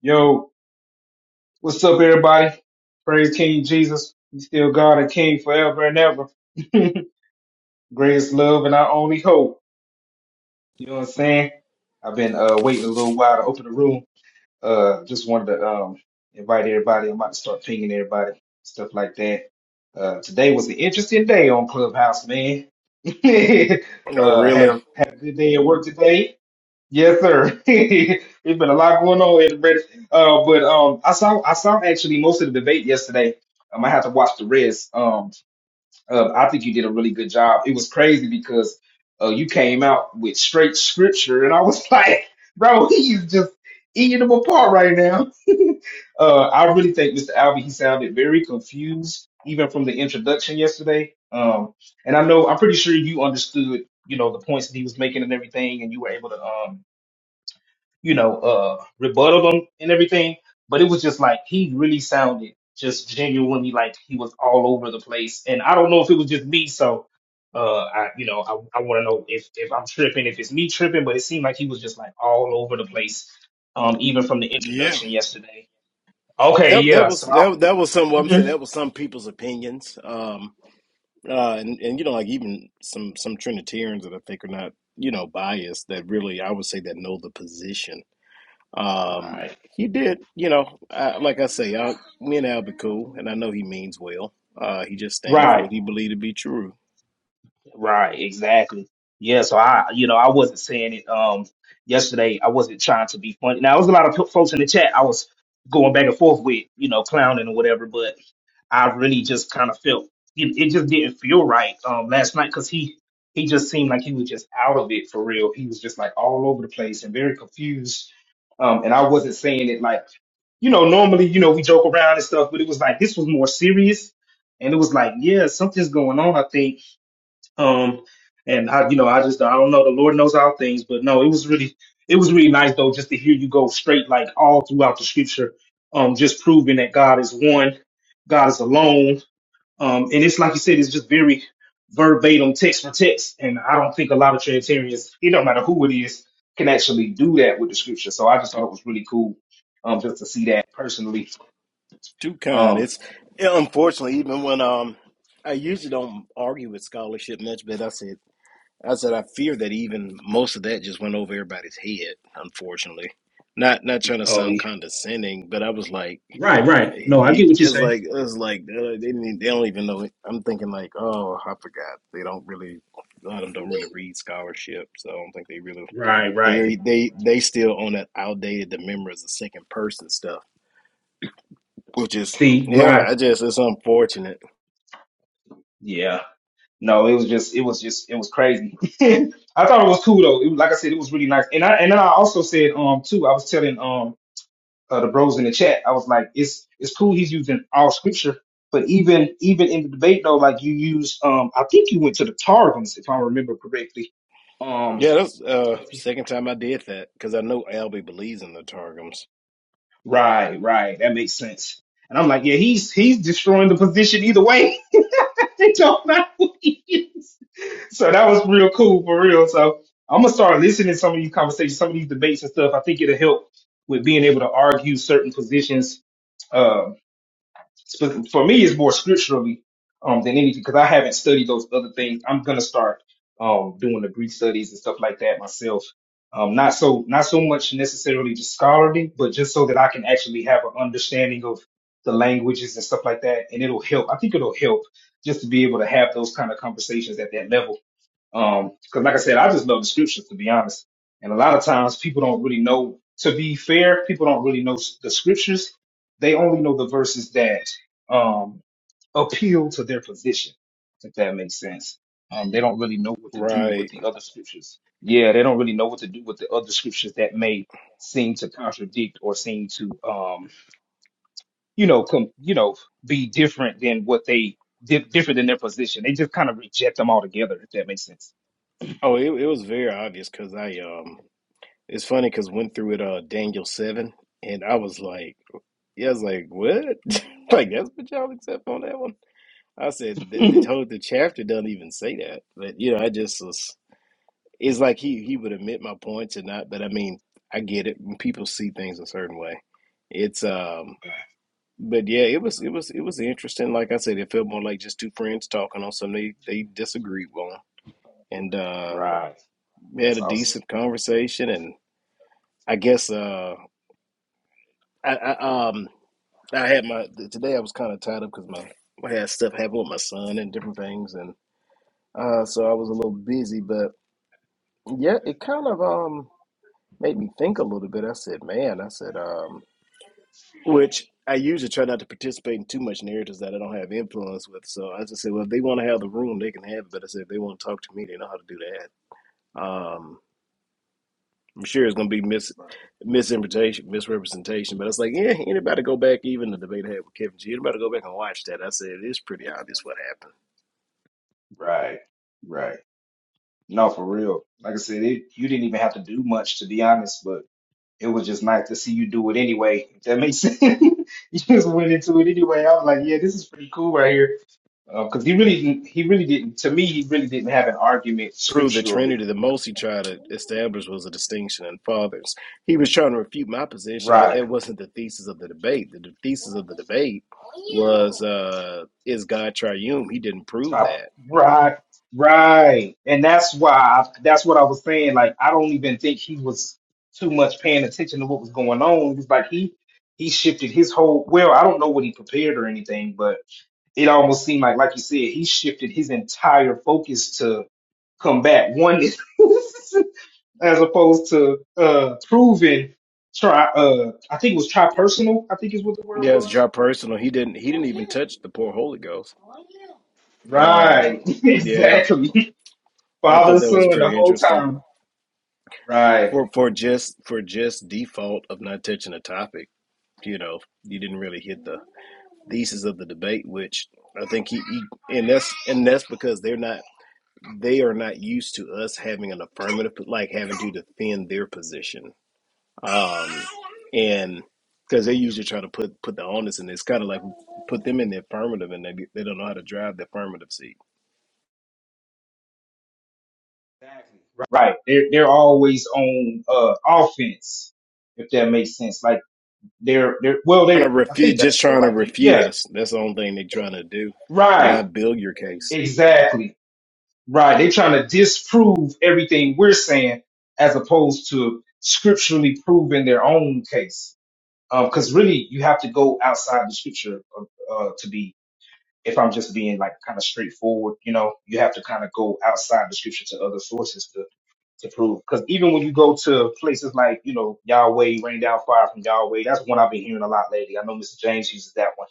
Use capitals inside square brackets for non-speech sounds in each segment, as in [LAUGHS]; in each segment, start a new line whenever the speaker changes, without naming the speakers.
Yo, what's up, everybody? Praise King Jesus. He's still God and King forever and ever. [LAUGHS] Greatest love and our only hope. You know what I'm saying? I've been uh, waiting a little while to open the room. Uh, just wanted to um, invite everybody. I'm about to start pinging everybody, stuff like that. Uh, today was an interesting day on Clubhouse, man. [LAUGHS]
Oh,
uh, had
really?
a had a good day at work today Yes, sir. [LAUGHS] There's been a lot going on in the British. Uh, but um, I saw I saw actually most of the debate yesterday. Um, I had to watch the rest. Um, uh, I think you did a really good job. It was crazy because uh, you came out with straight scripture, and I was [LAUGHS] like, bro, he's just eating them apart right now. [LAUGHS] uh, I really think Mr. Alvey he sounded very confused even from the introduction yesterday. Um, and I know I'm pretty sure you understood, you know, the points that he was making and everything, and you were able to um you know, uh, rebuttal him and everything. But it was just like he really sounded just genuinely like he was all over the place. And I don't know if it was just me, so uh, I, you know, I, I want to know if if I'm tripping, if it's me tripping. But it seemed like he was just like all over the place, um, even from the
Yeah.
introduction yesterday. Okay,
That that
yeah.
was
So I,
that that was some. I'm saying
mhm.
that was some people's opinions. Um. Uh. And and you know, like even some some Trinitarians that I think are not you know biased that really I would say that know the position. Um.
right,
He did. You know, I, like I say, I, me and Al be cool, and I know he means well. Uh. He just standing for
right.
what he believed to be true.
Right, exactly. Yeah, so I, you know, I wasn't saying it um yesterday. I wasn't trying to be funny. Now, there was a lot of p- folks in the chat I was going back and forth with, you know, clowning or whatever, but I really just kind of felt it, it just didn't feel right um last night because he he just seemed like he was just out of it for real. He was just like all over the place and very confused. Um, and I wasn't saying it like, you know, normally, you know, we joke around and stuff, but it was like this was more serious. And it was like, yeah, something's going on, I think um, and I, you know, I just, I don't know. The Lord knows all things, but no, it was really, it was really nice though, just to hear you go straight, like all throughout the scripture, um, just proving that God is one, God is alone. Um, and it's like you said, it's just very verbatim text for text. And I don't think a lot of Trinitarians, it don't matter who it is, can actually do that with the scripture. So I just thought it was really cool, um, just to see that personally.
Too kind.
Um,
It's unfortunately even when um. I usually don't argue with scholarship much, but I said. I said I fear that even most of that just went over everybody's head, unfortunately. Not not trying to
oh,
sound
yeah.
condescending, but I was like,
right, right.
he,
No, I
he-
get what you're
it's
saying.
like it's like uh, they didn't, e, they don't even know it. I'm thinking like, oh, I forgot. They don't really a lot of them don't really read scholarship, so I don't think they really
Right, right.
they they they still on that outdated the memory is the second person stuff, which is
See,
yeah,
right.
I just it's unfortunate.
Yeah. No, it was just it was just it was crazy. [LAUGHS] I thought it was cool though. It, was- like I said, it was really nice. And I and then I also said um too. I was telling um uh, the bros in the chat. I was like, it's it's cool. He's using all scripture, but even even in the debate though, like you use um I think you went to the Targums if I remember correctly. Um,
Yeah, that's uh
okay.
second time I did that because I know Albie believes in the targums,
right, right, that makes sense. And I'm like, yeah, he's he's destroying the position either way. [LAUGHS] they don't know who he is. So that was real cool for real. So I'm gonna start listening to some of these conversations, some of these debates and stuff. I think it'll help with being able to argue certain positions um, Sp- For me, it's more scripturally um, than anything because I haven't studied those other things. I'm gonna start um, doing the Greek studies and stuff like that myself. Um, not so not so much necessarily just scholarly, but just so that I can actually have an understanding of the languages and stuff like that, and it'll help. I think it'll help just to be able to have those kind of conversations at that level um, cause like I said, I just love the scriptures to be honest. And a lot of times people don't really know, to be fair, people don't really know s- the scriptures. They only know the verses that, um, appeal to their position, if that makes sense. Um, they don't really know what to do with
right?
the other scriptures. Yeah, they don't really know what to do with the other scriptures that may seem to contradict or seem to, um, you know, com- you know, be different than what they di- different than their position. They just kind of reject them altogether, if that makes sense.
Oh, it, it was very obvious because I um, it's funny because went through it uh Daniel seven, and I was like, yeah, I was like, what? [LAUGHS] like that's what y'all accept on that one? I said
[LAUGHS]
that the whole the chapter doesn't even say that, but you know, I just was. It's like he he would admit my points or not, but I mean, I get it. When people see things a certain way, it's um. But yeah, it was it was it was interesting. Like I said, it felt more like just two friends talking on something they they disagreed on, and uh,
Right.
we had
That's
a
awesome.
decent conversation and. I guess uh, I, I um I had my today I was kind of tied up because my I had stuff happen with my son and different things and uh so I was a little busy but yeah it kind of um made me think a little bit I said man I said um which I usually try not to participate in too much narratives that I don't have influence with so I just said well if they want to have the room they can have it but I said if they want to talk to me they know how to do that um. I'm sure it's going to be mis misinterpretation, misrepresentation. But it's like, yeah, anybody go back, even the debate I had with Kevin G, anybody go back and watch that? I said, it's pretty obvious what happened.
Right. Right. No, for real. Like I said, it, you didn't even have to do much, to be honest, but it was just nice to see you do it anyway. If that makes sense. [LAUGHS] You just went into it anyway. I was like, yeah, this is pretty cool right here. Because he really, didn't- he really didn't, to me, he really didn't have an argument
Prove the
scripturally.
Trinity, the most he tried to establish was a distinction in fathers. He was trying to refute my position, but
Right.
that wasn't the thesis of the debate. The, the thesis of the debate was, uh, is God triune? He didn't prove
Top
that.
right, right, and that's why I, that's what I was saying. Like I don't even think he was too much paying attention to what was going on. It was like he he shifted his whole. Well, I don't know what he prepared or anything, but it almost seemed like, like you said, he shifted his entire focus to combat oneness [LAUGHS] as opposed to uh proving. Try, uh, I think it was tri personal. I think is what the word
Yeah, it's
was.
your personal. He didn't. He didn't even touch the poor Holy Ghost.
Right,
Um,
[LAUGHS]
yeah,
exactly.
I
Father
thought
and
that was
son the
pretty
whole
interesting.
time. Right.
for for just for just default of not touching a topic you know you didn't really hit the thesis of the debate which i think he, he and that's and that's because they're not they are not used to us having an affirmative like having to defend their position um and because they usually try to put put the onus and it's kind of like put them in the affirmative and they, they don't know how to drive the affirmative seat
Exactly. Right. They're they're always on uh offense, if that makes sense. Like they're they're well
trying
they're
to
I think
refute just
that's the
trying to
right thing.
refute
Yeah.
us that's the only thing they're trying to do
Right.
not build your case
Exactly. Right. They're trying to disprove everything we're saying as opposed to scripturally proving their own case. Um, because really you have to go outside the scripture uh, uh, to be if I'm just being like kind of straightforward, you know, you have to kind of go outside the scripture to other sources to to prove. Because even when you go to places like, you know, Yahweh, rain down fire from Yahweh, that's one I've been hearing a lot lately. I know Mr. James uses that one.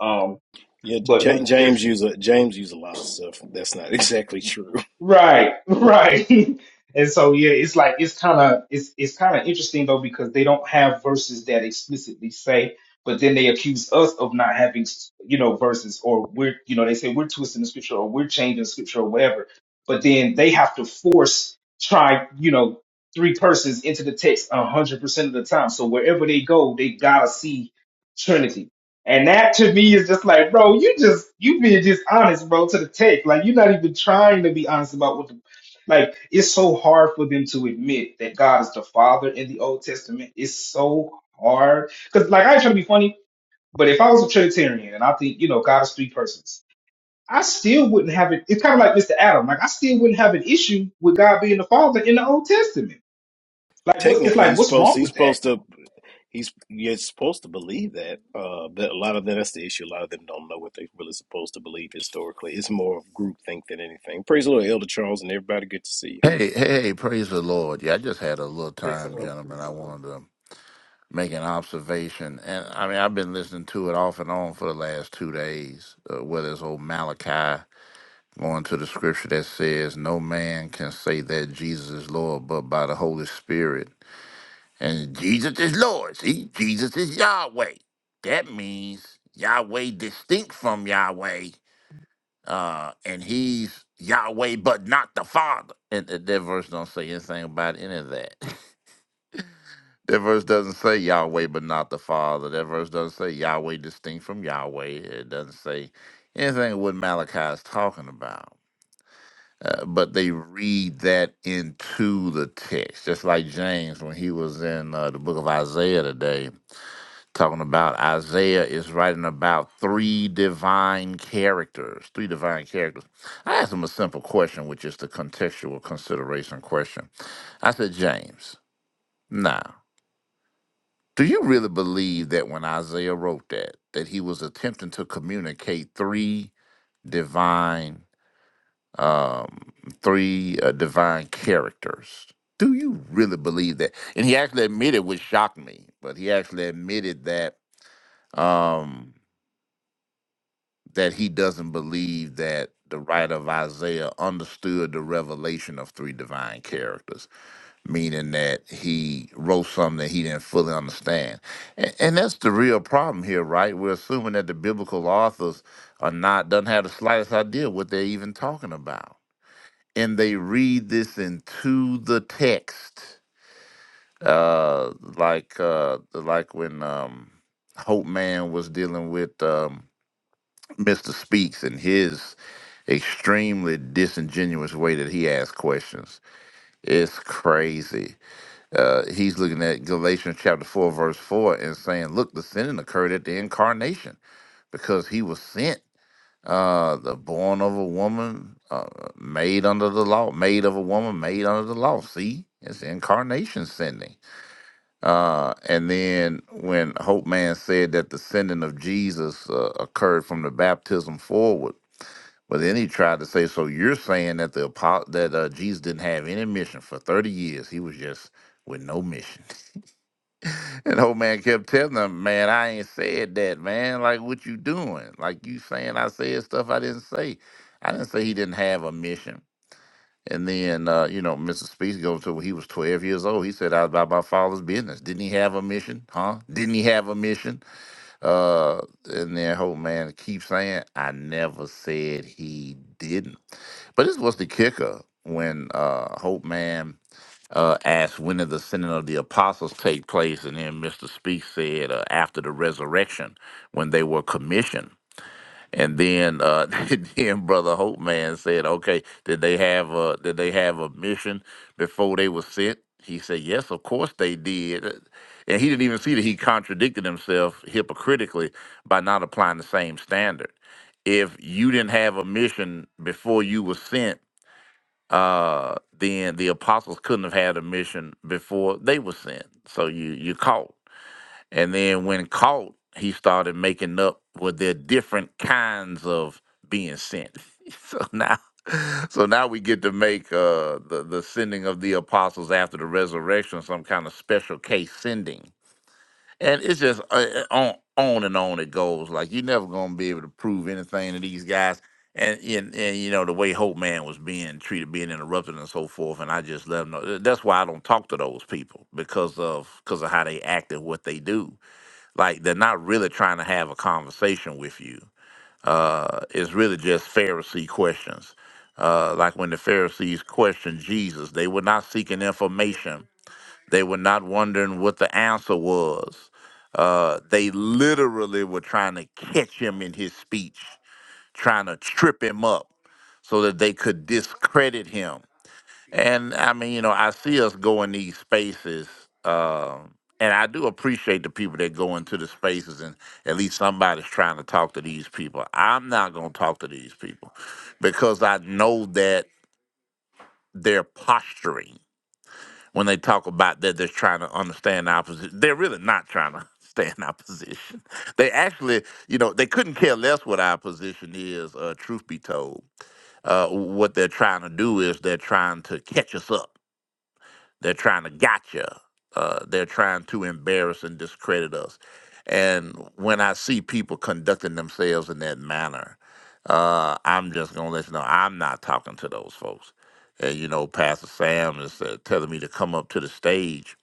Um,
Yeah,
but
J-
when if
James use a James use a lot of stuff. That's not [LAUGHS] exactly true.
Right, right. [LAUGHS] And so yeah, it's like it's kind of it's it's kind of interesting though because they don't have verses that explicitly say, but then they accuse us of not having you know verses or we're you know they say we're twisting the scripture or we're changing scripture or whatever, but then they have to force try you know three persons into the text a hundred percent of the time. So wherever they go, they gotta see Trinity. And that to me is just like, bro, you just you being just honest, bro, to the text. Like you're not even trying to be honest about what the like it's so hard for them to admit that God is the Father in the Old Testament. It's so hard. Cause like I ain't trying to be funny, but if I was a Trinitarian and I think, you know, God is three persons, I still wouldn't have it. It's kind of like Mr. Adam. Like I still wouldn't have an issue with God being the Father in the Old Testament. Like what it's
Technically,
like,
he's
what's
supposed
wrong
he's
with
supposed
that?
to he's you're supposed to believe that. Uh, but a lot of them that's the issue. A lot of them don't know what they're really supposed to believe historically. It's more of groupthink than anything. Praise the Lord, Elder Charles, and everybody. Good to see you.
Hey, hey, hey, praise the Lord. Yeah, I just had a little time, gentlemen. I wanted to make an observation. And I mean, I've been listening to it off and on for the last two days, uh, whether it's old Malachi going to the scripture that says, No man can say that Jesus is Lord but by the Holy Spirit. And Jesus is Lord. See, Jesus is Yahweh. That means Yahweh distinct from Yahweh uh, and he's Yahweh, but not the Father. And th- that verse don't say anything about any of that. [LAUGHS] that verse doesn't say Yahweh, but not the Father. That verse doesn't say Yahweh distinct from Yahweh. It doesn't say anything what Malachi is talking about. Uh, but they read that into the text, just like James when he was in uh, the book of Isaiah today talking about Isaiah is writing about three divine characters, three divine characters. I asked him a simple question, which is the contextual consideration question. I said, James, now, do you really believe that when Isaiah wrote that, that he was attempting to communicate three divine, um, three uh, divine characters? Do you really believe that? And he actually admitted, which shocked me, but he actually admitted that. Um, that he doesn't believe that the writer of Isaiah understood the revelation of three divine characters, meaning that he wrote something that he didn't fully understand. And, and that's the real problem here, right? We're assuming that the biblical authors are not doesn't have the slightest idea what they're even talking about. And they read this into the text. Uh like uh like when um Hope Man was dealing with um Mr. Speaks and his extremely disingenuous way that he asks questions. It's crazy. Uh, he's looking at Galatians chapter 4, verse 4, and saying, Look, the sinning occurred at the incarnation because he was sent. Uh, the born of a woman, uh, made under the law, made of a woman, made under the law. See, it's incarnation sending. Uh, and then when Hope Man said that the sending of Jesus uh, occurred from the baptism forward, but then he tried to say, so you're saying that the apo- that uh, Jesus didn't have any mission for 30 years. He was just with no mission. [LAUGHS] and the old man kept telling him, man, I ain't said that, man. Like, what you doing? Like, you saying I said stuff I didn't say. I didn't say he didn't have a mission. And then, uh, you know, Mr. Speaks goes to when he was 12 years old. He said, I was about my father's business. Didn't he have a mission? Huh? Didn't he have a mission? Uh, and then whole man keeps saying, I never said he didn't. But this was the kicker when uh, Hope Man uh, asked when did the sending of the apostles take place, and then Mr. Speak said uh, after the resurrection when they were commissioned. And then, uh, [LAUGHS] then Brother Hope Man said, "Okay, did they have a did they have a mission before they were sent?" He said, "Yes, of course they did." And he didn't even see that he contradicted himself hypocritically by not applying the same standard. If you didn't have a mission before you were sent, uh, then the apostles couldn't have had a mission before they were sent. So you you caught. And then when caught, he started making up with their different kinds of being sent. [LAUGHS] so now so now we get to make uh the, the sending of the apostles after the resurrection some kind of special case sending. And it's just uh, uh, on on and on it goes. Like you're never gonna be able to prove anything to these guys. And, and and you know the way Hope Man was being treated, being interrupted, and so forth. And I just let them know. That's why I don't talk to those people because of because of how they act and what they do like they're not really trying to have a conversation with you. Uh, it's really just Pharisee questions. Uh, like when the Pharisees questioned Jesus, they were not seeking information. They were not wondering what the answer was. Uh, they literally were trying to catch him in his speech, trying to trip him up so that they could discredit him and I mean, you know, I see us go in these spaces, um, and I do appreciate the people that go into the spaces, and at least somebody's trying to talk to these people. I'm not going to talk to these people because I know that they're posturing when they talk about that they're trying to understand our position. They're really not trying to [LAUGHS] understand our position. They actually, you know, they couldn't care less what our position is. Uh, truth be told, uh, what they're trying to do is they're trying to catch us up they're trying to gotcha. Uh, they're trying to embarrass and discredit us. And when I see people conducting themselves in that manner, uh, I'm just gonna let you know I'm not talking to those folks. And you know, Pastor Sam is uh, telling me to come up to the stage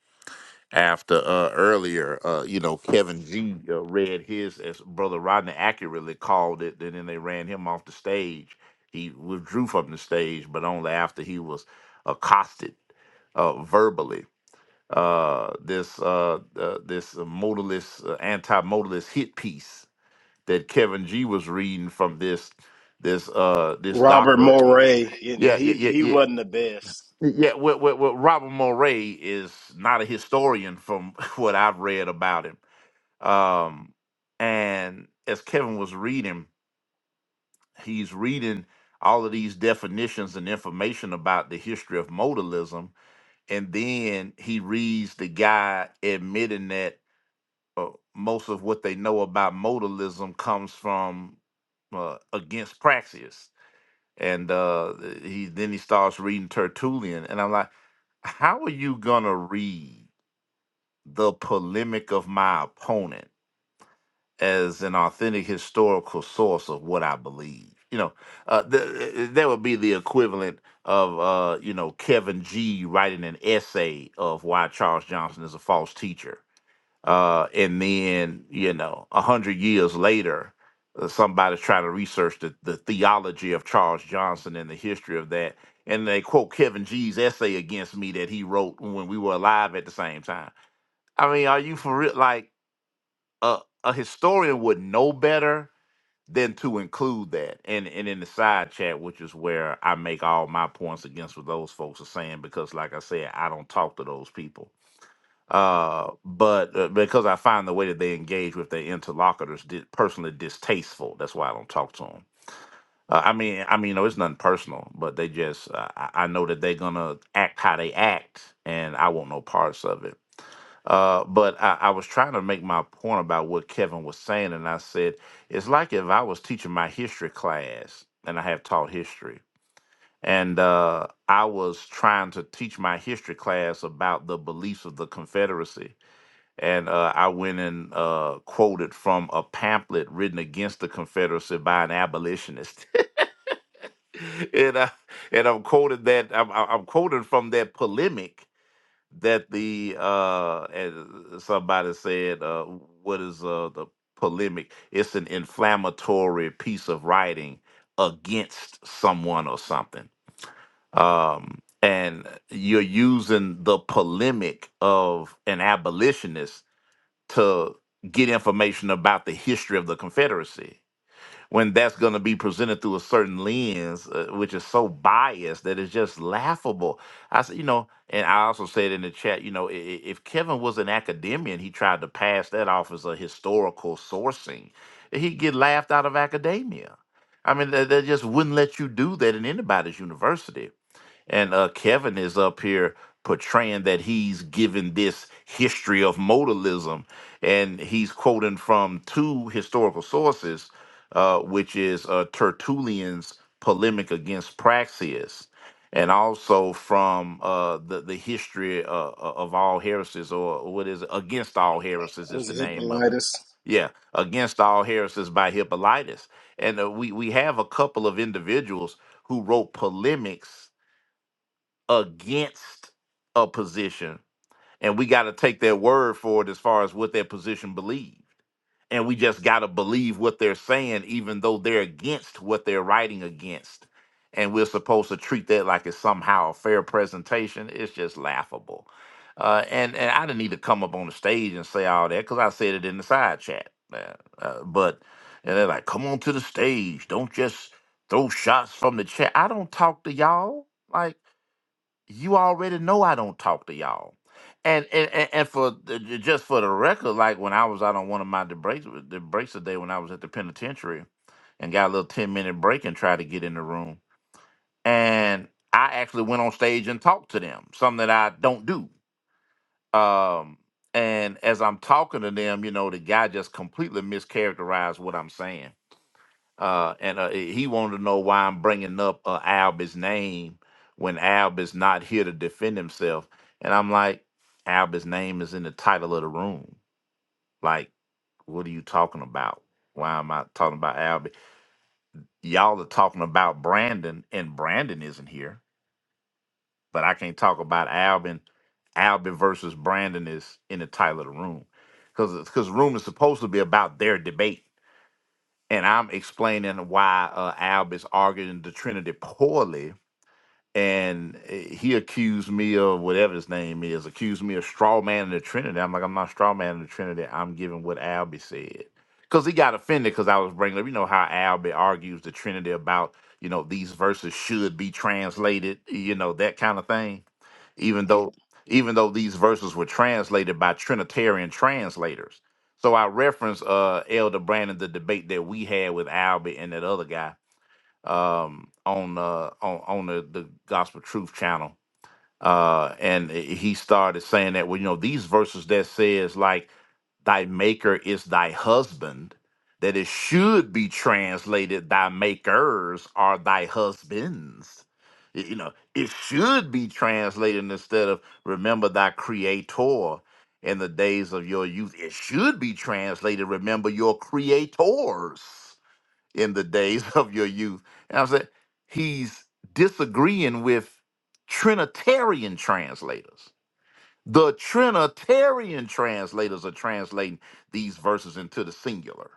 after uh, earlier, uh, you know, Kevin G uh, read his, as Brother Rodney accurately called it, and then they ran him off the stage. He withdrew from the stage, but only after he was accosted uh, verbally. Uh, this uh, uh, this modalist, uh, anti-modalist hit piece that Kevin G was reading from this this uh, this
Robert
doctor.
Moray, and, and
Yeah, yeah,
he
yeah,
he
yeah.
wasn't the best.
Yeah, well, well, well, Robert Moray is not a historian from [LAUGHS] what I've read about him. Um, and as Kevin was reading, he's reading all of these definitions and information about the history of modalism. And then he reads the guy admitting that uh, most of what they know about modalism comes from uh, against praxis and uh, he then he starts reading Tertullian, and I'm like, how are you gonna read the polemic of my opponent as an authentic historical source of what I believe? You know, uh, th- that would be the equivalent of uh, you know Kevin G writing an essay of why Charles Johnson is a false teacher uh, and then you know a hundred years later uh, somebody's trying to research the, the theology of charles johnson and the history of that and they quote kevin g's essay against me that he wrote when we were alive at the same time i mean are you for real like a, a historian would know better than to include that and and in the side chat which is where i make all my points against what those folks are saying because like i said i don't talk to those people uh, but uh, because I find the way that they engage with their interlocutors di- personally distasteful. That's why I don't talk to them. Uh, I mean, I mean, no, it's nothing personal, but they just, uh, I I know that they're gonna act how they act, and I want no parts of it. Uh, but I, I was trying to make my point about what Kevin was saying, and I said it's like if I was teaching my history class, and I have taught history, and uh, I was trying to teach my history class about the beliefs of the Confederacy, and uh, I went and uh, quoted from a pamphlet written against the Confederacy by an abolitionist, [LAUGHS] and I, and I'm quoted that I'm, I'm I'm quoted from that polemic that the uh, as somebody said, uh, what is uh, the polemic? It's an inflammatory piece of writing against someone or something. Um, and you're using the polemic of an abolitionist to get information about the history of the Confederacy when that's going to be presented through a certain lens, uh, which is so biased that it's just laughable. I said, you know, and I also said in the chat, you know, i- i- if Kevin was an academician, he tried to pass that off as a historical sourcing, he'd get laughed out of academia. I mean, they, they just wouldn't let you do that in anybody's university and uh, Kevin is up here portraying that he's given this history of modalism, and he's quoting from two historical sources, uh, which is uh, Tertullian's polemic against Praxias, and also from uh, the the history uh, uh, of all heresies, or what is it? Against all heresies
It
is
was
the
a
name of it.
Hippolytus.
Yeah, against all heresies by Hippolytus, and uh, we we have a couple of individuals who wrote polemics against a position and we got to take their word for it as far as what their position believed and we just got to believe what they're saying even though they're against what they're writing against and we're supposed to treat that like it's somehow a fair presentation it's just laughable uh, and and i didn't need to come up on the stage and say all that because i said it in the side chat uh, uh, but and they're like come on to the stage don't just throw shots from the chat i don't talk to y'all like you already know I don't talk to y'all. And and, and, and for the, ju- just for the record, like when I was out on one of my breaks the breaks today when I was at the penitentiary and got a little ten minute break and tried to get in the room. And I actually went on stage and talked to them, something that I don't do. Um and as I'm talking to them, you know, the guy just completely mischaracterized what I'm saying uh, and uh, he wanted to know why I'm bringing up uh, Alba's name when Alb is not here to defend himself. And I'm like, Alba's name is in the title of the room. Like, what are you talking about? Why am I talking about Alb? Y'all are talking about Brandon, and Brandon isn't here, but I can't talk about Albin. Albin versus Brandon is in the title of the room because because room is supposed to be about their debate and I'm explaining why uh, Alb is arguing the Trinity poorly, and uh, he accused me of whatever his name is, accused me of straw man in the Trinity. I'm like, I'm not straw man in the Trinity. I'm giving what Albie said because he got offended because I was bringing up, you know, how Albie argues the Trinity about, you know, these verses should be translated, you know, that kind of thing even though even though these verses were translated by Trinitarian translators. So I reference uh Elder Brandon the debate that we had with Albert and that other guy um on uh on, on the, the Gospel Truth channel. Uh and he started saying that well, you know, these verses that says like thy maker is thy husband, that it should be translated, thy makers are thy husbands. Y- You know, it should be translated instead of remember thy creator in the days of your youth. It should be translated, remember your creators in the days [LAUGHS] of your youth. And I'm saying he's disagreeing with Trinitarian translators the Trinitarian translators are translating these verses into the singular.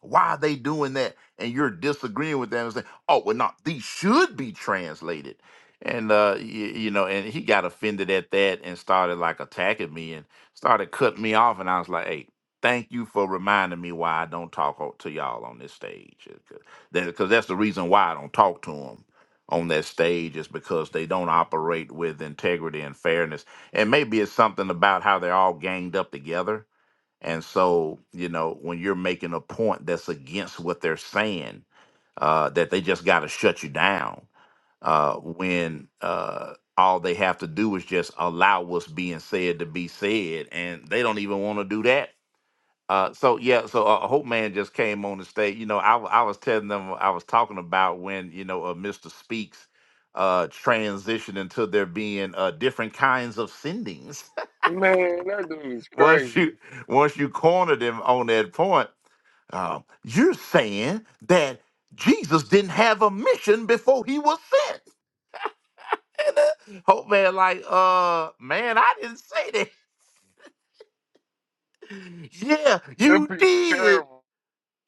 Why are they doing that? And you're disagreeing with them and saying, oh, well, no, these should be translated. And, uh, you, you know, and he got offended at that and started like attacking me and started cutting me off. And I was like, hey, thank you for reminding me why I don't talk o- to y'all on this stage. Because that's the reason why I don't talk to them on that stage is because they don't operate with integrity and fairness. And maybe it's something about how they're all ganged up together and so, you know, when you're making a point that's against what they're saying, uh, that they just got to shut you down, uh, when uh, all they have to do is just allow what's being said to be said, and they don't even want to do that. Uh, so yeah, so uh, Hope Man just came on the stage. You know, I, w- I was telling them I was talking about when you know uh, Mister Speaks uh, transitioned into there being uh, different kinds of sendings.
Man, that dude is
[LAUGHS] once
crazy.
you once you cornered him on that point um, you're saying that Jesus didn't have a mission before he was sent. [LAUGHS] And uh, Hope Man, like, uh, man, I didn't say that. [LAUGHS] yeah,
Them
you
people
did.
terrible.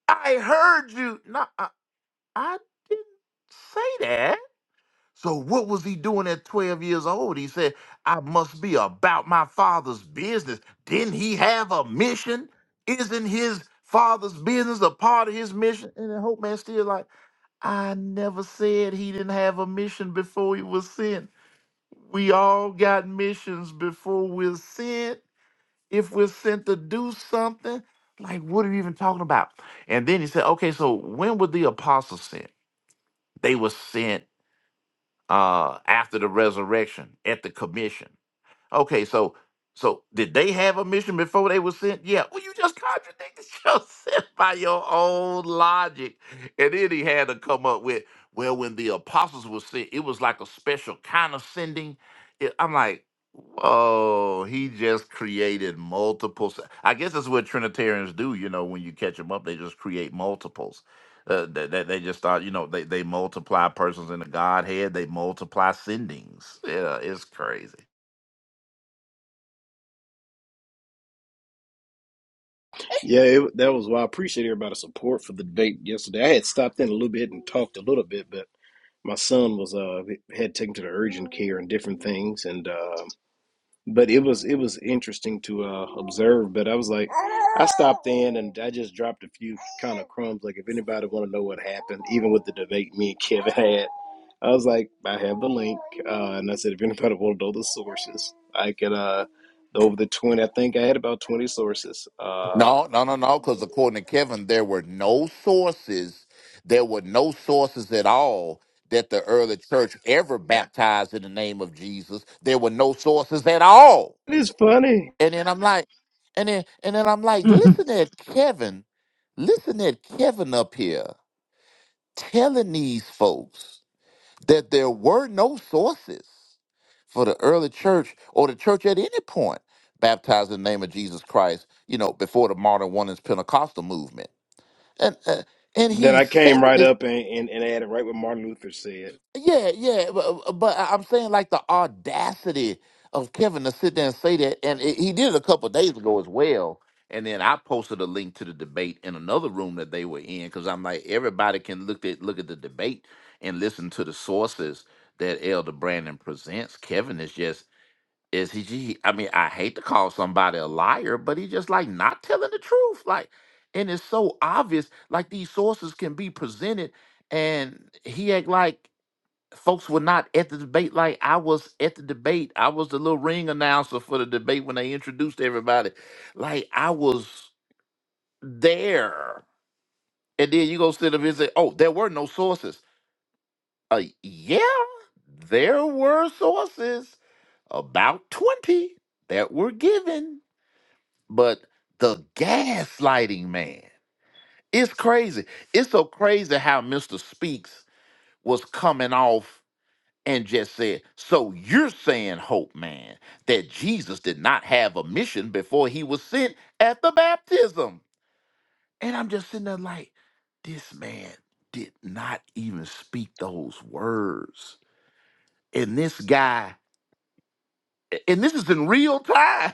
I heard you. No, I, I didn't say that. So what was he doing at 12 years old? He said, I must be about my father's business. Didn't he have a mission? Isn't his father's business a part of his mission? And then Hope Man still like I never said he didn't have a mission before he was sent. We all got missions before we're sent. If we're sent to do something, like what are you even talking about? And then he said, okay, so when were the apostles sent? They were sent uh, after the resurrection at the commission. Okay, so so did they have a mission before they were sent? Yeah. Well, you just contradicted [LAUGHS] yourself by your own logic. And then he had to come up with, well, when the apostles were sent, it was like a special kind of sending. It- I'm like, whoa, he just created multiples. I guess that's what Trinitarians do, you know, when you catch them up, they just create multiples. Uh, that they, they just start, you know, they, they multiply persons in the Godhead, they multiply sendings. Yeah, it's crazy.
Yeah, it, that was why I appreciate everybody's support for the debate yesterday. I had stopped in a little bit and talked a little bit, but my son was uh had taken to the urgent care and different things and uh but it was it was interesting to uh observe but i was like i stopped in and i just dropped a few kind of crumbs like if anybody want to know what happened even with the debate me and kevin [LAUGHS] had i was like i have the link uh and i said if anybody want to know the sources i can uh over the 20 i think i had about 20 sources um
No, no, no, no, because according to Kevin, there were no sources, there were no sources at all that the early church ever baptized in the name of Jesus. There were no sources at all.
it is funny
And then I'm like, and then and then I'm like, listen at Kevin, listen at Kevin up here telling these folks that there were no sources for the early church or the church at any point baptized in the name of Jesus Christ, you know, before the modern one is Pentecostal movement. And uh, and
that
he
i
said
came right
it.
up and, and, and added right what martin luther said
Yeah, yeah, but, uh, but I- I'm saying like the audacity of Kevin to sit there and say that, and it, he did it a couple of days ago as well. And then I posted a link to the debate in another room that they were in because I'm like everybody can look at look at the debate and listen to the sources that Elder Brandon presents. Kevin is just is he? he- I mean, I hate to call somebody a liar, but he just like not telling the truth. Like, and it's so obvious. Like these sources can be presented and he act like folks were not at the debate like I was at the debate. I was the little ring announcer for the debate when they introduced everybody. Like I was there. And then you go sit up and say, oh, there were no sources. Uh, yeah, there were sources, about 20 that were given. But the gaslighting, man, it's crazy. It's so crazy how Mr. Speaks was coming off. and just said, So you're saying, Hope Man, that Jesus did not have a mission before he was sent at the baptism. And I'm just sitting there like, This man did not even speak those words. And this guy, and this is in real time. [LAUGHS]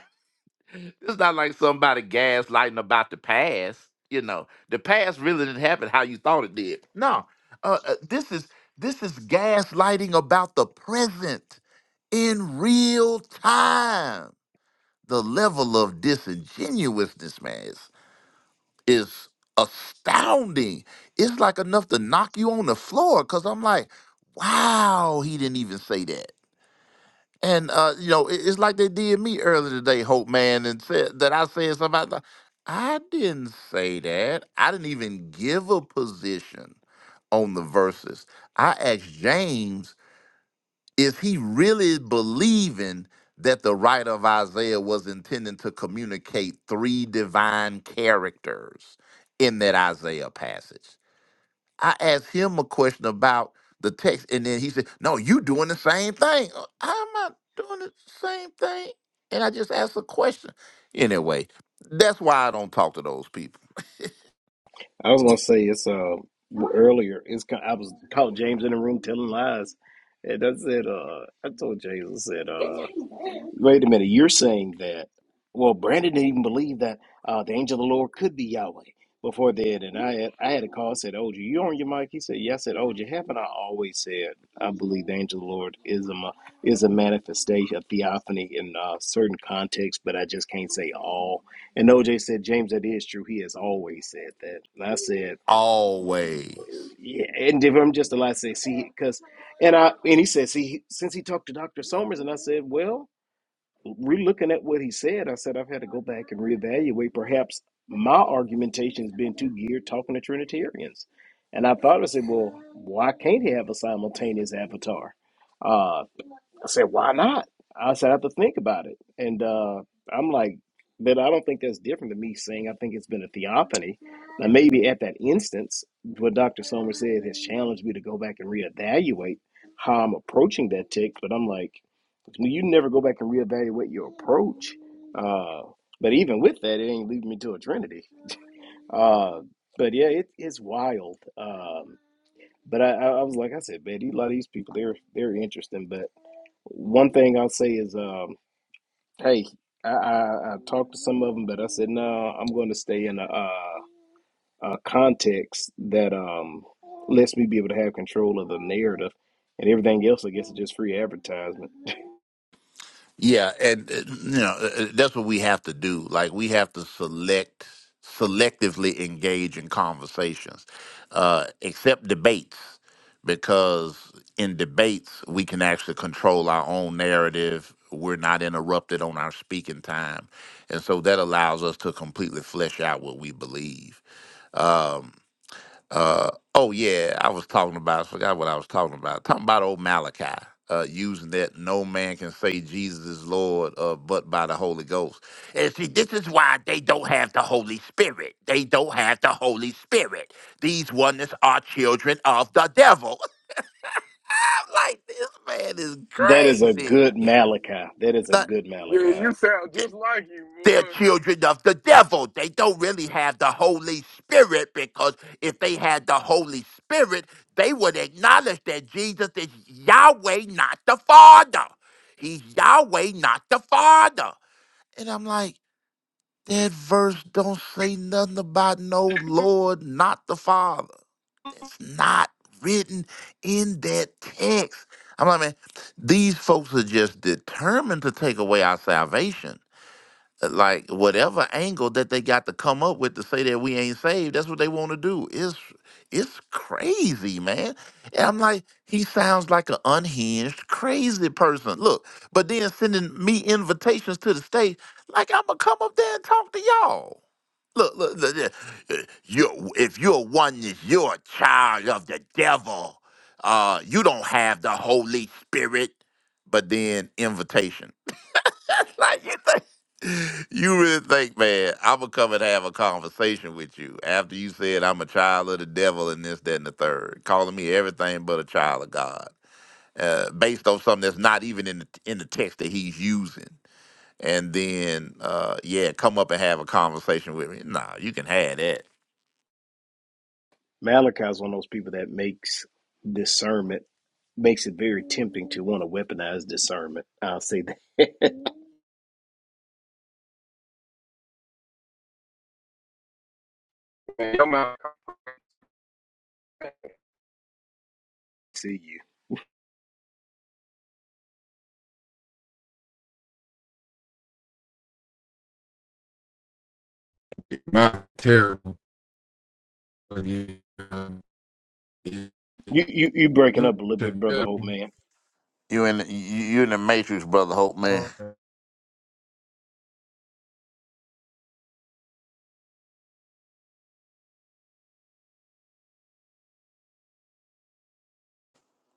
It's not like somebody gaslighting about the past. You know, the past really didn't happen how you thought it did. No, uh, uh, this is this is gaslighting about the present in real time. The level of disingenuousness, man, is, is astounding. It's like enough to knock you on the floor. Cause I'm like, wow, he didn't even say that. And uh, you know, it- it's like they did me earlier today, Hope Man, and said that I said something. about the- I didn't say that. I didn't even give a position on the verses. I asked James, is he really believing that the writer of Isaiah was intending to communicate three divine characters in that Isaiah passage? I asked him a question about the text, and then he said, "No, you doing the same thing." Uh, I'm not doing the same thing, and I just asked a question. Anyway, that's why I don't talk to those people
I was gonna say it's uh earlier. It's ki- I was caught James in the room telling lies, and I said uh I told James I said uh Wait a minute. You're saying that, well, Brandon didn't even believe that uh, the angel of the Lord could be Yahweh before then. And I had, I had a call, said, OG, you on your mic? He said, yeah. I said, OG, haven't I always said I believe the angel of the Lord is a, ma- is a manifestation of theophany in uh, certain contexts, but I just can't say all. And OJ said, James, that is true. He has always said that. And I said,
always.
yeah. And if I'm just allowed to say, see, because, and I, and he said, see, since he talked to Dr. Somers, and I said, well, relooking at what he said, I said I've had to go back and reevaluate. Perhaps my argumentation has been too geared talking to Trinitarians. And I thought, I said, well, why can't he have a simultaneous avatar? Uh, I said, why not? I said, I have to think about it. And uh, I'm like, but I don't think that's different than me saying I think it's been a theophany. Now, maybe at that instance, what Dr. Somers said has challenged me to go back and reevaluate how I'm approaching that text. But I'm like, you never go back and reevaluate your approach. Uh, but even with that, it ain't leading me to a trinity. Uh, but yeah, it, it's wild. Um, but I, I I was like I said, man, a lot of these people they're they're interesting. But one thing I'll say is, um, hey, I, I, I talked to some of them, but I said no, I'm going to stay in a, a, a context that um, lets me be able to have control of the narrative, and everything else, I guess, is just free advertisement.
Yeah, and uh, you know uh, uh, that's what we have to do. Like we have to select selectively engage in conversations, uh, except debates, because in debates we can actually control our own narrative. We're not interrupted on our speaking time, and so that allows us to completely flesh out what we believe. Um, uh, oh yeah, I was talking about. I forgot what I was talking about. Talking about old Malachi uh, using that no man can say Jesus is Lord uh, but by the Holy Ghost. And see, this is why they don't have the Holy Spirit. They don't have the Holy Spirit. These oneness are children of the devil. [LAUGHS] I'm like this man is
That is a
crazy.
good Malachi. That is a good
Yeah, you
Malachi.
sound just like you,
they're
boy.
children of the devil. They don't really have the Holy Spirit because if they had the Holy Spirit, they would acknowledge that Jesus is Yahweh, not the Father. He's Yahweh, not the Father. And I'm like, that verse don't say nothing about no Lord, not the Father. That's not written in that text. I'm like, man, these folks are just determined to take away our salvation like whatever angle that they got to come up with to say that we ain't saved, that's what they want to do. It's it's crazy, man. And I'm like, he sounds like an unhinged, crazy person. Look, but then sending me invitations to the stage, like I'm gonna come up there and talk to y'all. Look, look, look, look, uh, you if you're one, if you're a child of the devil. Uh, you don't have the Holy Spirit, but then invitation. [LAUGHS] like you think you really think, man, I'ma come and have a conversation with you after you said I'm a child of the devil and this, that, and the third, calling me everything but a child of God, uh, based on something that's not even in the in the text that he's using. And then, uh, yeah, come up and have a conversation with me. Nah, you can have that.
Malachi is one of those people that makes discernment makes it very tempting to want to weaponize discernment. I'll say that
Man, your mouth-
[LAUGHS] to you.
Not terrible, but yeah, um, it- it-
You you you breaking
it
up a little bit,
should
brother Hope
definitely-
man.
You in the, you you in the matrix, brother Hope man.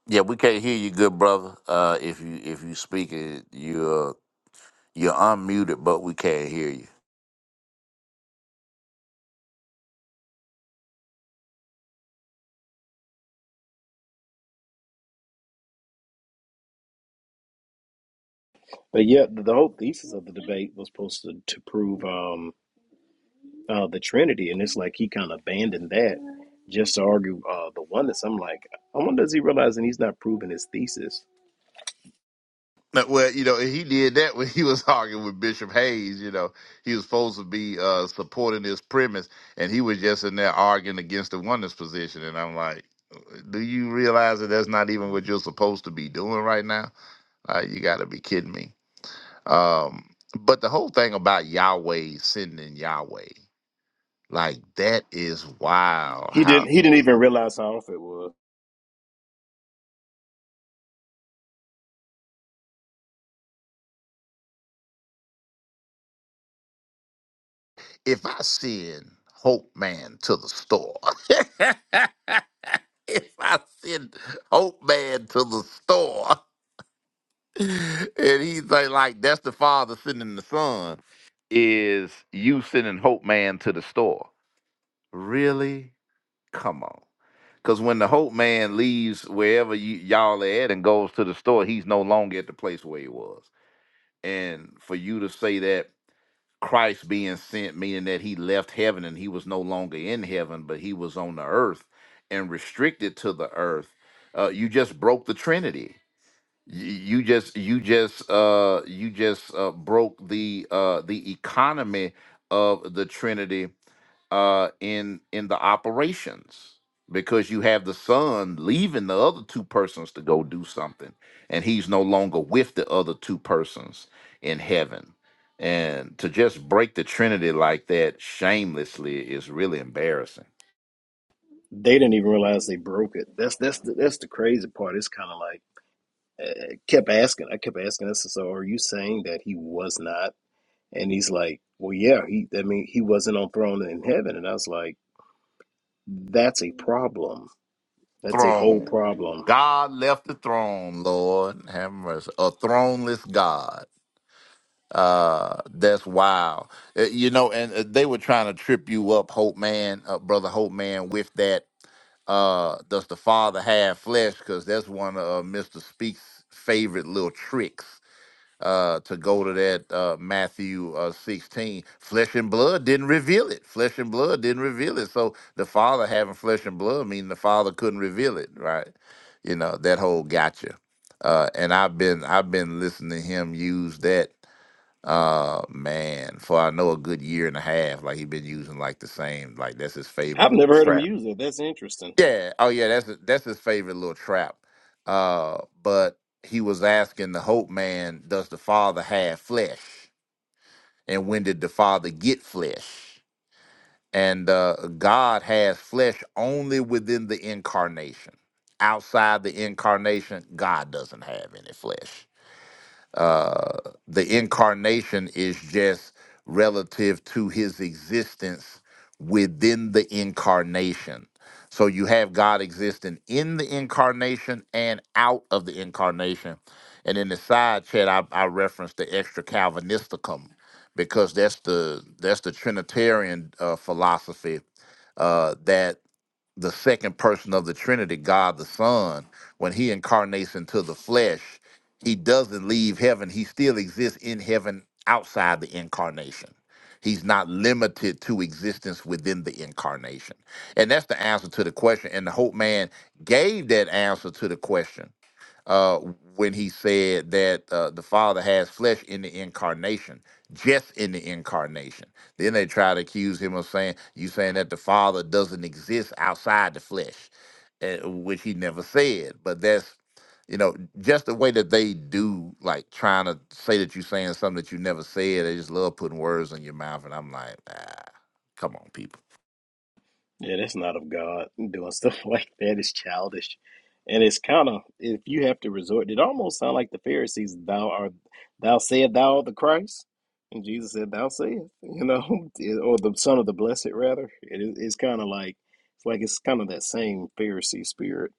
Yeah, we can't hear you, good brother. Uh, if you if you speak it, you're you're unmuted, but we can't hear you.
But yeah, the, the whole thesis of the debate was supposed to, to prove um uh the Trinity, and it's like he kind of abandoned that just to argue uh the oneness. I'm like, I wonder does he realize that he's not proving his thesis?
[LAUGHS] No, Well, you know, and he did that when he was arguing with Bishop Hayes. You know, he was supposed to be uh, supporting this premise, and he was just in there arguing against the oneness position. And I'm like, do you realize that that's not even what you're supposed to be doing right now? Uh, you got to be kidding me. Um, but the whole thing about Yahweh sending Yahweh, like that is wild.
He
How
didn't. He didn't even realize how off it was.
if I send Hope Man to the store, [LAUGHS] if I send Hope Man to the store, and he's like, like, that's the father sending the son, is you sending Hope Man to the store. Really? Come on. Because when the Hope Man leaves wherever you, y'all are at and goes to the store, he's no longer at the place where he was. And for you to say that Christ being sent, meaning that he left heaven and he was no longer in heaven, but he was on the earth and restricted to the earth. Uh, you just broke the Trinity Y- you just you just uh you just uh broke the uh the economy of the trinity uh in in the operations because you have the son leaving the other two persons to go do something and he's no longer with the other two persons in heaven and to just break the trinity like that shamelessly is really embarrassing
They didn't even realize they broke it. That's that's the, that's the crazy part. It's kind of like I kept asking. I kept asking this. So are you saying that he was not? And he's like, well, yeah. He, I mean, he wasn't on throne in heaven. And I was like, that's a problem. That's a whole
throne
problem.
god left the throne lord have mercy a throneless god Uh, that's wild. Uh, You know, and uh, they were trying to trip you up, Hope Man, uh, brother Hope Man, with that. Uh, does the father have flesh? Because that's one of uh, Mister Speaks' favorite little tricks. Uh, to go to that uh, Matthew uh, 16, flesh and blood didn't reveal it. Flesh and blood didn't reveal it. So the father having flesh and blood meaning the father couldn't reveal it, right? You know that whole gotcha. Uh, and I've been I've been listening to him use that uh man, for I know a good year and a half, like he been using like the same, like that's his favorite
I've
little
never heard him
trap.
use it. That's interesting.
Yeah, oh yeah, that's that's his favorite little trap. Uh, but he was asking the Hope Man, does the Father have flesh? And when did the Father get flesh? And uh, God has flesh only within the incarnation. Outside the incarnation, God doesn't have any flesh uh, the incarnation is just relative to his existence within the incarnation. So you have God existing in the incarnation and out of the incarnation. And in the side chat, I, I referenced the extra Calvinisticum because that's the that's the Trinitarian uh, philosophy uh, that the second person of the Trinity, God the Son, when he incarnates into the flesh, he doesn't leave heaven. He still exists in heaven outside the incarnation. He's not limited to existence within the incarnation. And that's the answer to the question. And the Hope Man gave that answer to the question uh, when he said that uh, the Father has flesh in the incarnation, just in the incarnation. Then they try to accuse him of saying, "You saying that the Father doesn't exist outside the flesh," uh, which he never said. But that's you know just the way that they do, like trying to say that you're saying something that you never said. They just love putting words in your mouth, and I'm like, ah, come on, people.
Yeah, that's not of God. Doing stuff [LAUGHS] like that is childish. And it's kind of, if you have to resort, it almost sound like the Pharisees, thou art, thou said thou art the Christ. And Jesus said, thou sayest, you know, [LAUGHS] or the son of the blessed, rather. It is, it's kind of like, it's like it's kind of that same Pharisee spirit.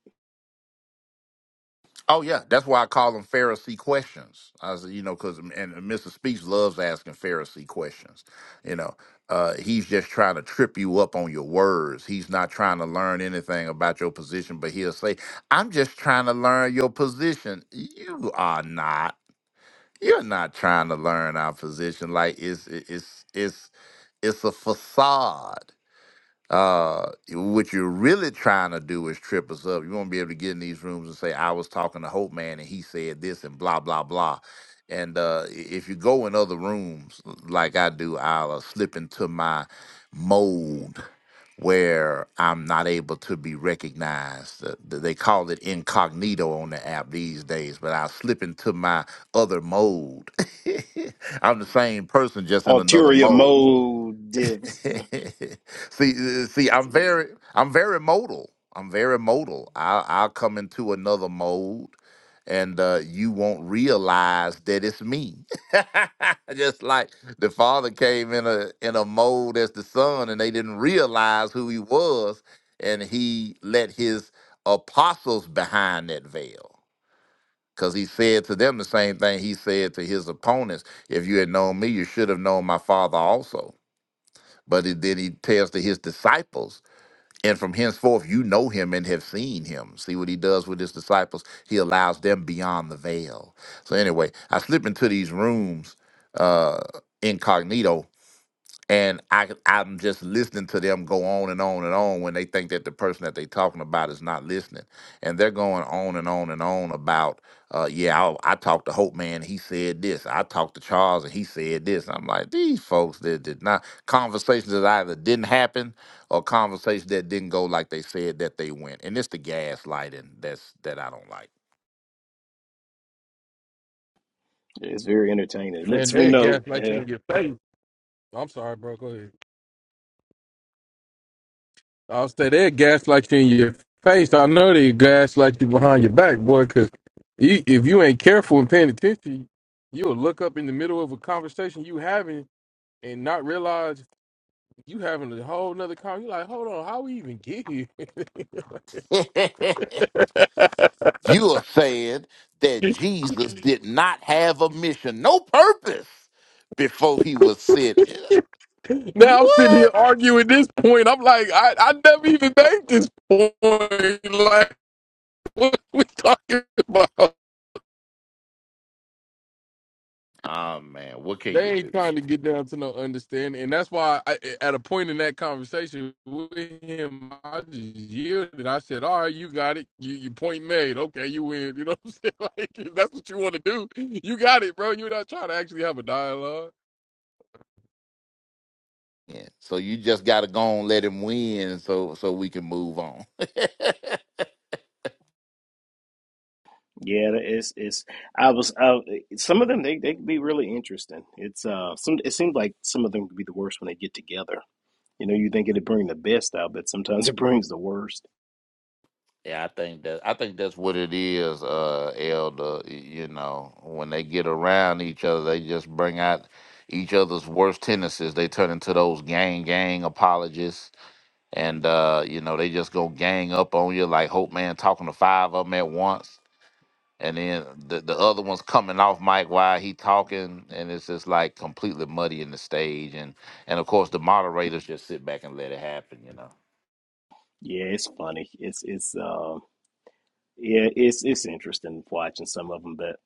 Oh yeah, that's why I call them Pharisee questions. I was, you know, because and Mr. Speaks loves asking Pharisee questions. You know, uh, he's just trying to trip you up on your words. He's not trying to learn anything about your position, but he'll say, "I'm just trying to learn your position." You are not. You're not trying to learn our position. Like it's it's it's it's a facade. Uh, what you're really trying to do is trip us up. You won't be able to get in these rooms and say, "I was talking to Hope Man, and he said this," and blah blah blah. And uh, i- if you go in other rooms like I do, I'll uh, slip into my mode where I'm not able to be recognized. Uh, th- They call it incognito on the app these days, but I will slip into my other mode. [LAUGHS] I'm the same person, just in another
Ulterior
mode.
motives.
[LAUGHS] see, uh, see, I'm very, I'm very modal. I'm very modal. I'll, I'll come into another mode, and uh, you won't realize that it's me. [LAUGHS] Just like the father came in a in a mode as the son, and they didn't realize who he was, and he let his apostles behind that veil. Because he said to them the same thing he said to his opponents If you had known me, you should have known my father also but it, then he tells to his disciples, and from henceforth you know him and have seen him. See what he does with his disciples? He allows them beyond the veil. So anyway, I slip into these rooms uh, incognito and I I'm just listening to them go on and on and on when they think that the person that they're talking about is not listening, and they're going on and on and on about, uh, yeah, I, I talked to Hope Man, he said this. I talked to Charles, and he said this. I'm like, these folks that did not conversations that either didn't happen or conversations that didn't go like they said that they went, and it's the gaslighting that's that I don't
It's very entertaining. It
And
lets me
they
know.
gaslight you
yeah.
in your face. I'm sorry, bro. Go ahead. I'll say they gaslight you in your face. I know they gaslight you behind your back, boy. Because if you ain't careful and paying attention, you'll look up in the middle of a conversation you having and not realize You having a whole nother car. You like, hold on, how we even get here? [LAUGHS]
like. [LAUGHS] You are saying that Jesus did not have a mission, no purpose before he was sent.
now I'm sitting here
What?
arguing this point. I'm like, I, I never even made this point. [LAUGHS] Like, what we talking about?
Oh man, what can you
They ain't
do?
trying to get down to no understanding, and that's why I, at a point in that conversation with him, I just yielded. I said, "All right, you got it. You, your point made. Okay, you win. [LAUGHS] You know what I'm saying? [LAUGHS] Like, if that's what you want to do. You got it, bro. You're not trying to actually have a dialogue."
Yeah. So you just gotta go and let him win so so we can move on. [LAUGHS]
Yeah, it's it's. I was. Uh, some of them they they can be really interesting. It's uh some. It seems like some of them could be the worst when they get together. You know, you think it'd bring the best out, but sometimes [LAUGHS] it brings the worst.
yeah, I think that I think that's what it is, uh, Elder. y- You know, when they get around each other, they just bring out each other's worst tendencies. They turn into those gang gang apologists and uh, you know they just go gang up on you like Hope Man talking to five of them at once, and then the the other one's coming off mic while he talking, and it's just like completely muddying the stage, and and of course the moderators just sit back and let it happen, you know.
Yeah, it's funny. It's it's uh yeah it's it's interesting watching some of them, but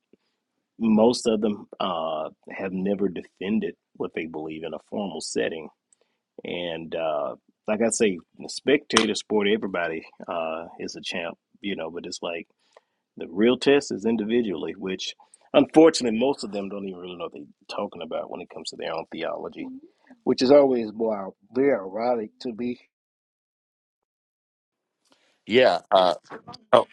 most of them uh have never defended what they believe in a formal setting, and uh like I say, in spectator sport, everybody uh is a champ. You know, but it's like. The real test is individually, which unfortunately most of them don't even really know what they're talking about when it comes to their own theology, which is always wow, very ironic to be.
Yeah. Uh, oh,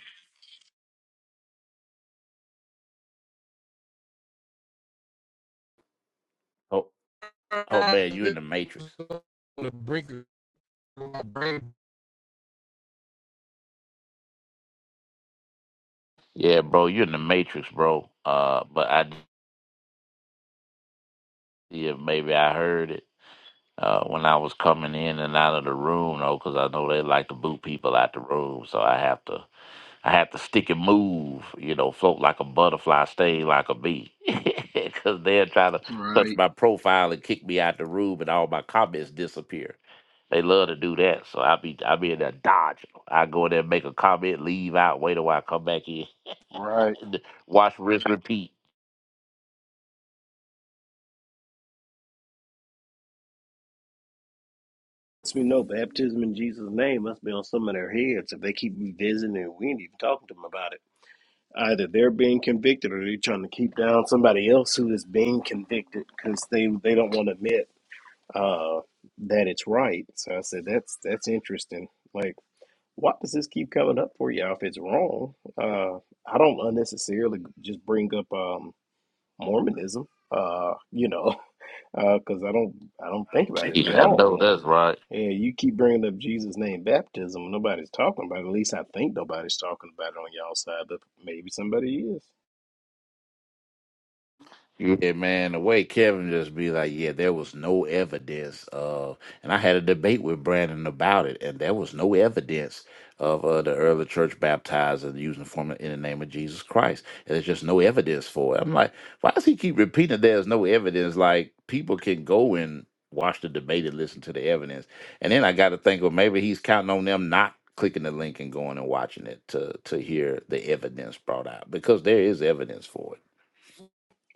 oh,
on
oh, man, you in the Matrix.
the brink of my brain
Yeah, bro, you're in the Matrix, bro. Uh, but I yeah, maybe I heard it. Uh, when I was coming in and out of the room, though, because I know they like to boot people out the room, so I have to I have to stick and move, you know, float like a butterfly, sting like a bee. [LAUGHS] Because they'll try to touch
Right.
my profile and kick me out the room and all my comments disappear. They love to do that. So I be I be in there dodging. I go in there, make a comment, leave out, wait a while, come back in.
Right.
[LAUGHS] Watch, rinse, repeat.
As we know, baptism in Jesus' name must be on some of their heads if they keep revisiting it. We ain't even talking to them about it. Either they're being convicted or they're trying to keep down somebody else who is being convicted because they, they don't want to admit uh, that it's right. So I said, that's that's interesting. Like, why does this keep coming up for you if it's wrong? Uh, I don't unnecessarily just bring up um, Mormonism, uh, you know, [LAUGHS] because I don't I don't think about it. it's
Yeah, I know
wrong.
that's right.
And you keep bringing up Jesus' name baptism. Nobody's talking about it. At least I think nobody's talking about it on y'all side, but maybe somebody is.
Yeah, man, the way Kevin just be like, yeah, there was no evidence of, and I had a debate with Brandon about it, and there was no evidence of uh, the early church baptizing using the formula in the name of Jesus Christ. And there's just no evidence for it. I'm like, why does he keep repeating there's no evidence? Like, people can go and watch the debate and listen to the evidence. And then I got to think, well, maybe he's counting on them not clicking the link and going and watching it to to hear the evidence brought out because there is evidence for it.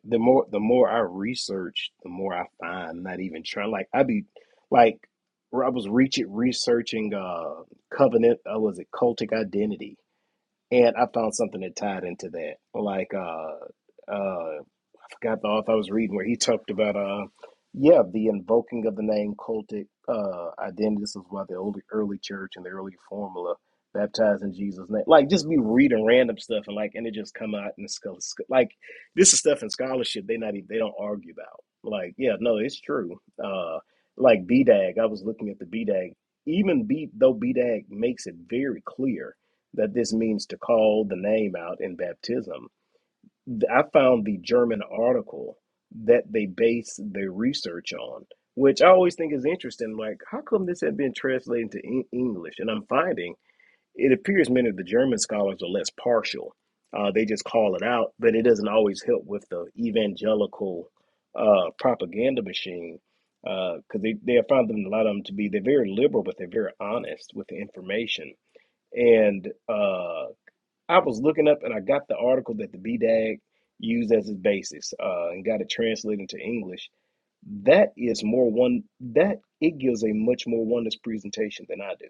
The more the more I research, the more I find. Not even trying. Like I be like where I was reaching researching uh covenant. Uh, was it cultic identity? and I found something that tied into that. Like uh uh I forgot the author I was reading where he talked about uh yeah, the invoking of the name cultic uh identity. This is why the early early church and the early formula baptized in Jesus' name. Like just be reading random stuff and like and it just come out in the skull like this is stuff in scholarship they not even they don't argue about. Like, yeah, no, it's true. Uh like BDAG, I was looking at the BDAG. Even B though BDAG makes it very clear that this means to call the name out in baptism. I found the German article that they base their research on, which I always think is interesting. Like, how come this had been translated into en- English? And I'm finding it appears many of the German scholars are less partial. Uh, they just call it out, but it doesn't always help with the evangelical uh, propaganda machine because they, they have found them a lot of them to be they're very liberal, but they're very honest with the information and. uh, I was looking up and I got the article that the BDAG used as its basis uh, and got it translated into English. That is more one that it gives a much more oneness presentation than I do.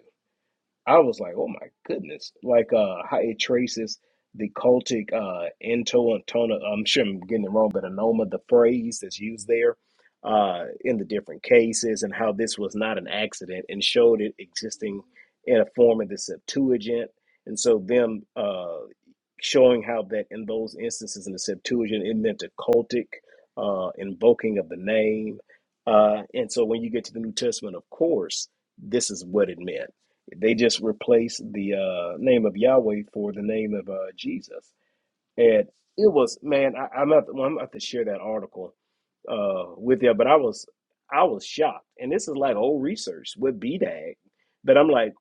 I was like, oh my goodness, like uh, how it traces the cultic uh, into tona. I'm sure I'm getting it wrong, but anoma, the phrase that's used there uh, in the different cases, and how this was not an accident, and showed it existing in a form of the Septuagint, and so them uh, showing how that in those instances in the Septuagint it meant a cultic uh, invoking of the name, uh, and so when you get to the New Testament, of course, this is what it meant they just replaced the uh, name of Yahweh for the name of uh, Jesus, and it was man. I, I'm not. Well, I'm about to share that article uh, with you, but I was I was shocked, and this is like old research with B dag. but I'm like,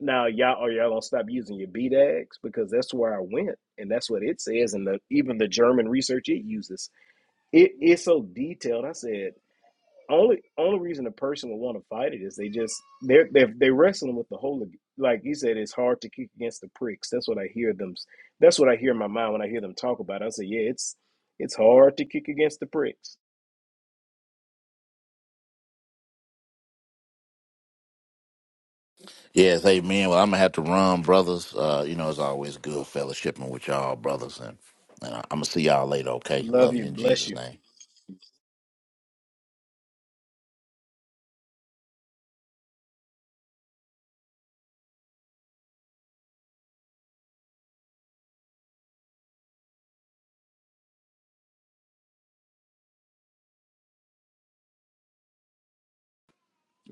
now y'all are y'all gonna stop using your B dags because that's where I went, and that's what it says, and the, even the German research it uses. It is so detailed. I said only only reason a person would want to fight it is they just they're they're they wrestling with the whole like you said it's hard to kick against the pricks that's what i hear them that's what i hear in my mind when i hear them talk about it. i say yeah it's it's hard to kick against the pricks
Yes, amen. Well, I'm gonna have to run, brothers. Uh, you know, it's always good fellowshipping with y'all, brothers, and, and I'm gonna see y'all later. Okay,
love
love you
you
in
bless
Jesus'
you
name.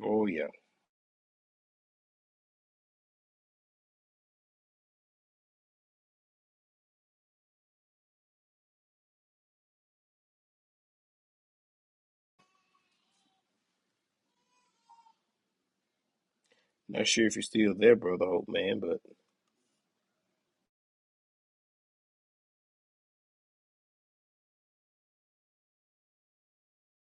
oh yeah not sure if you're still there brother hope man but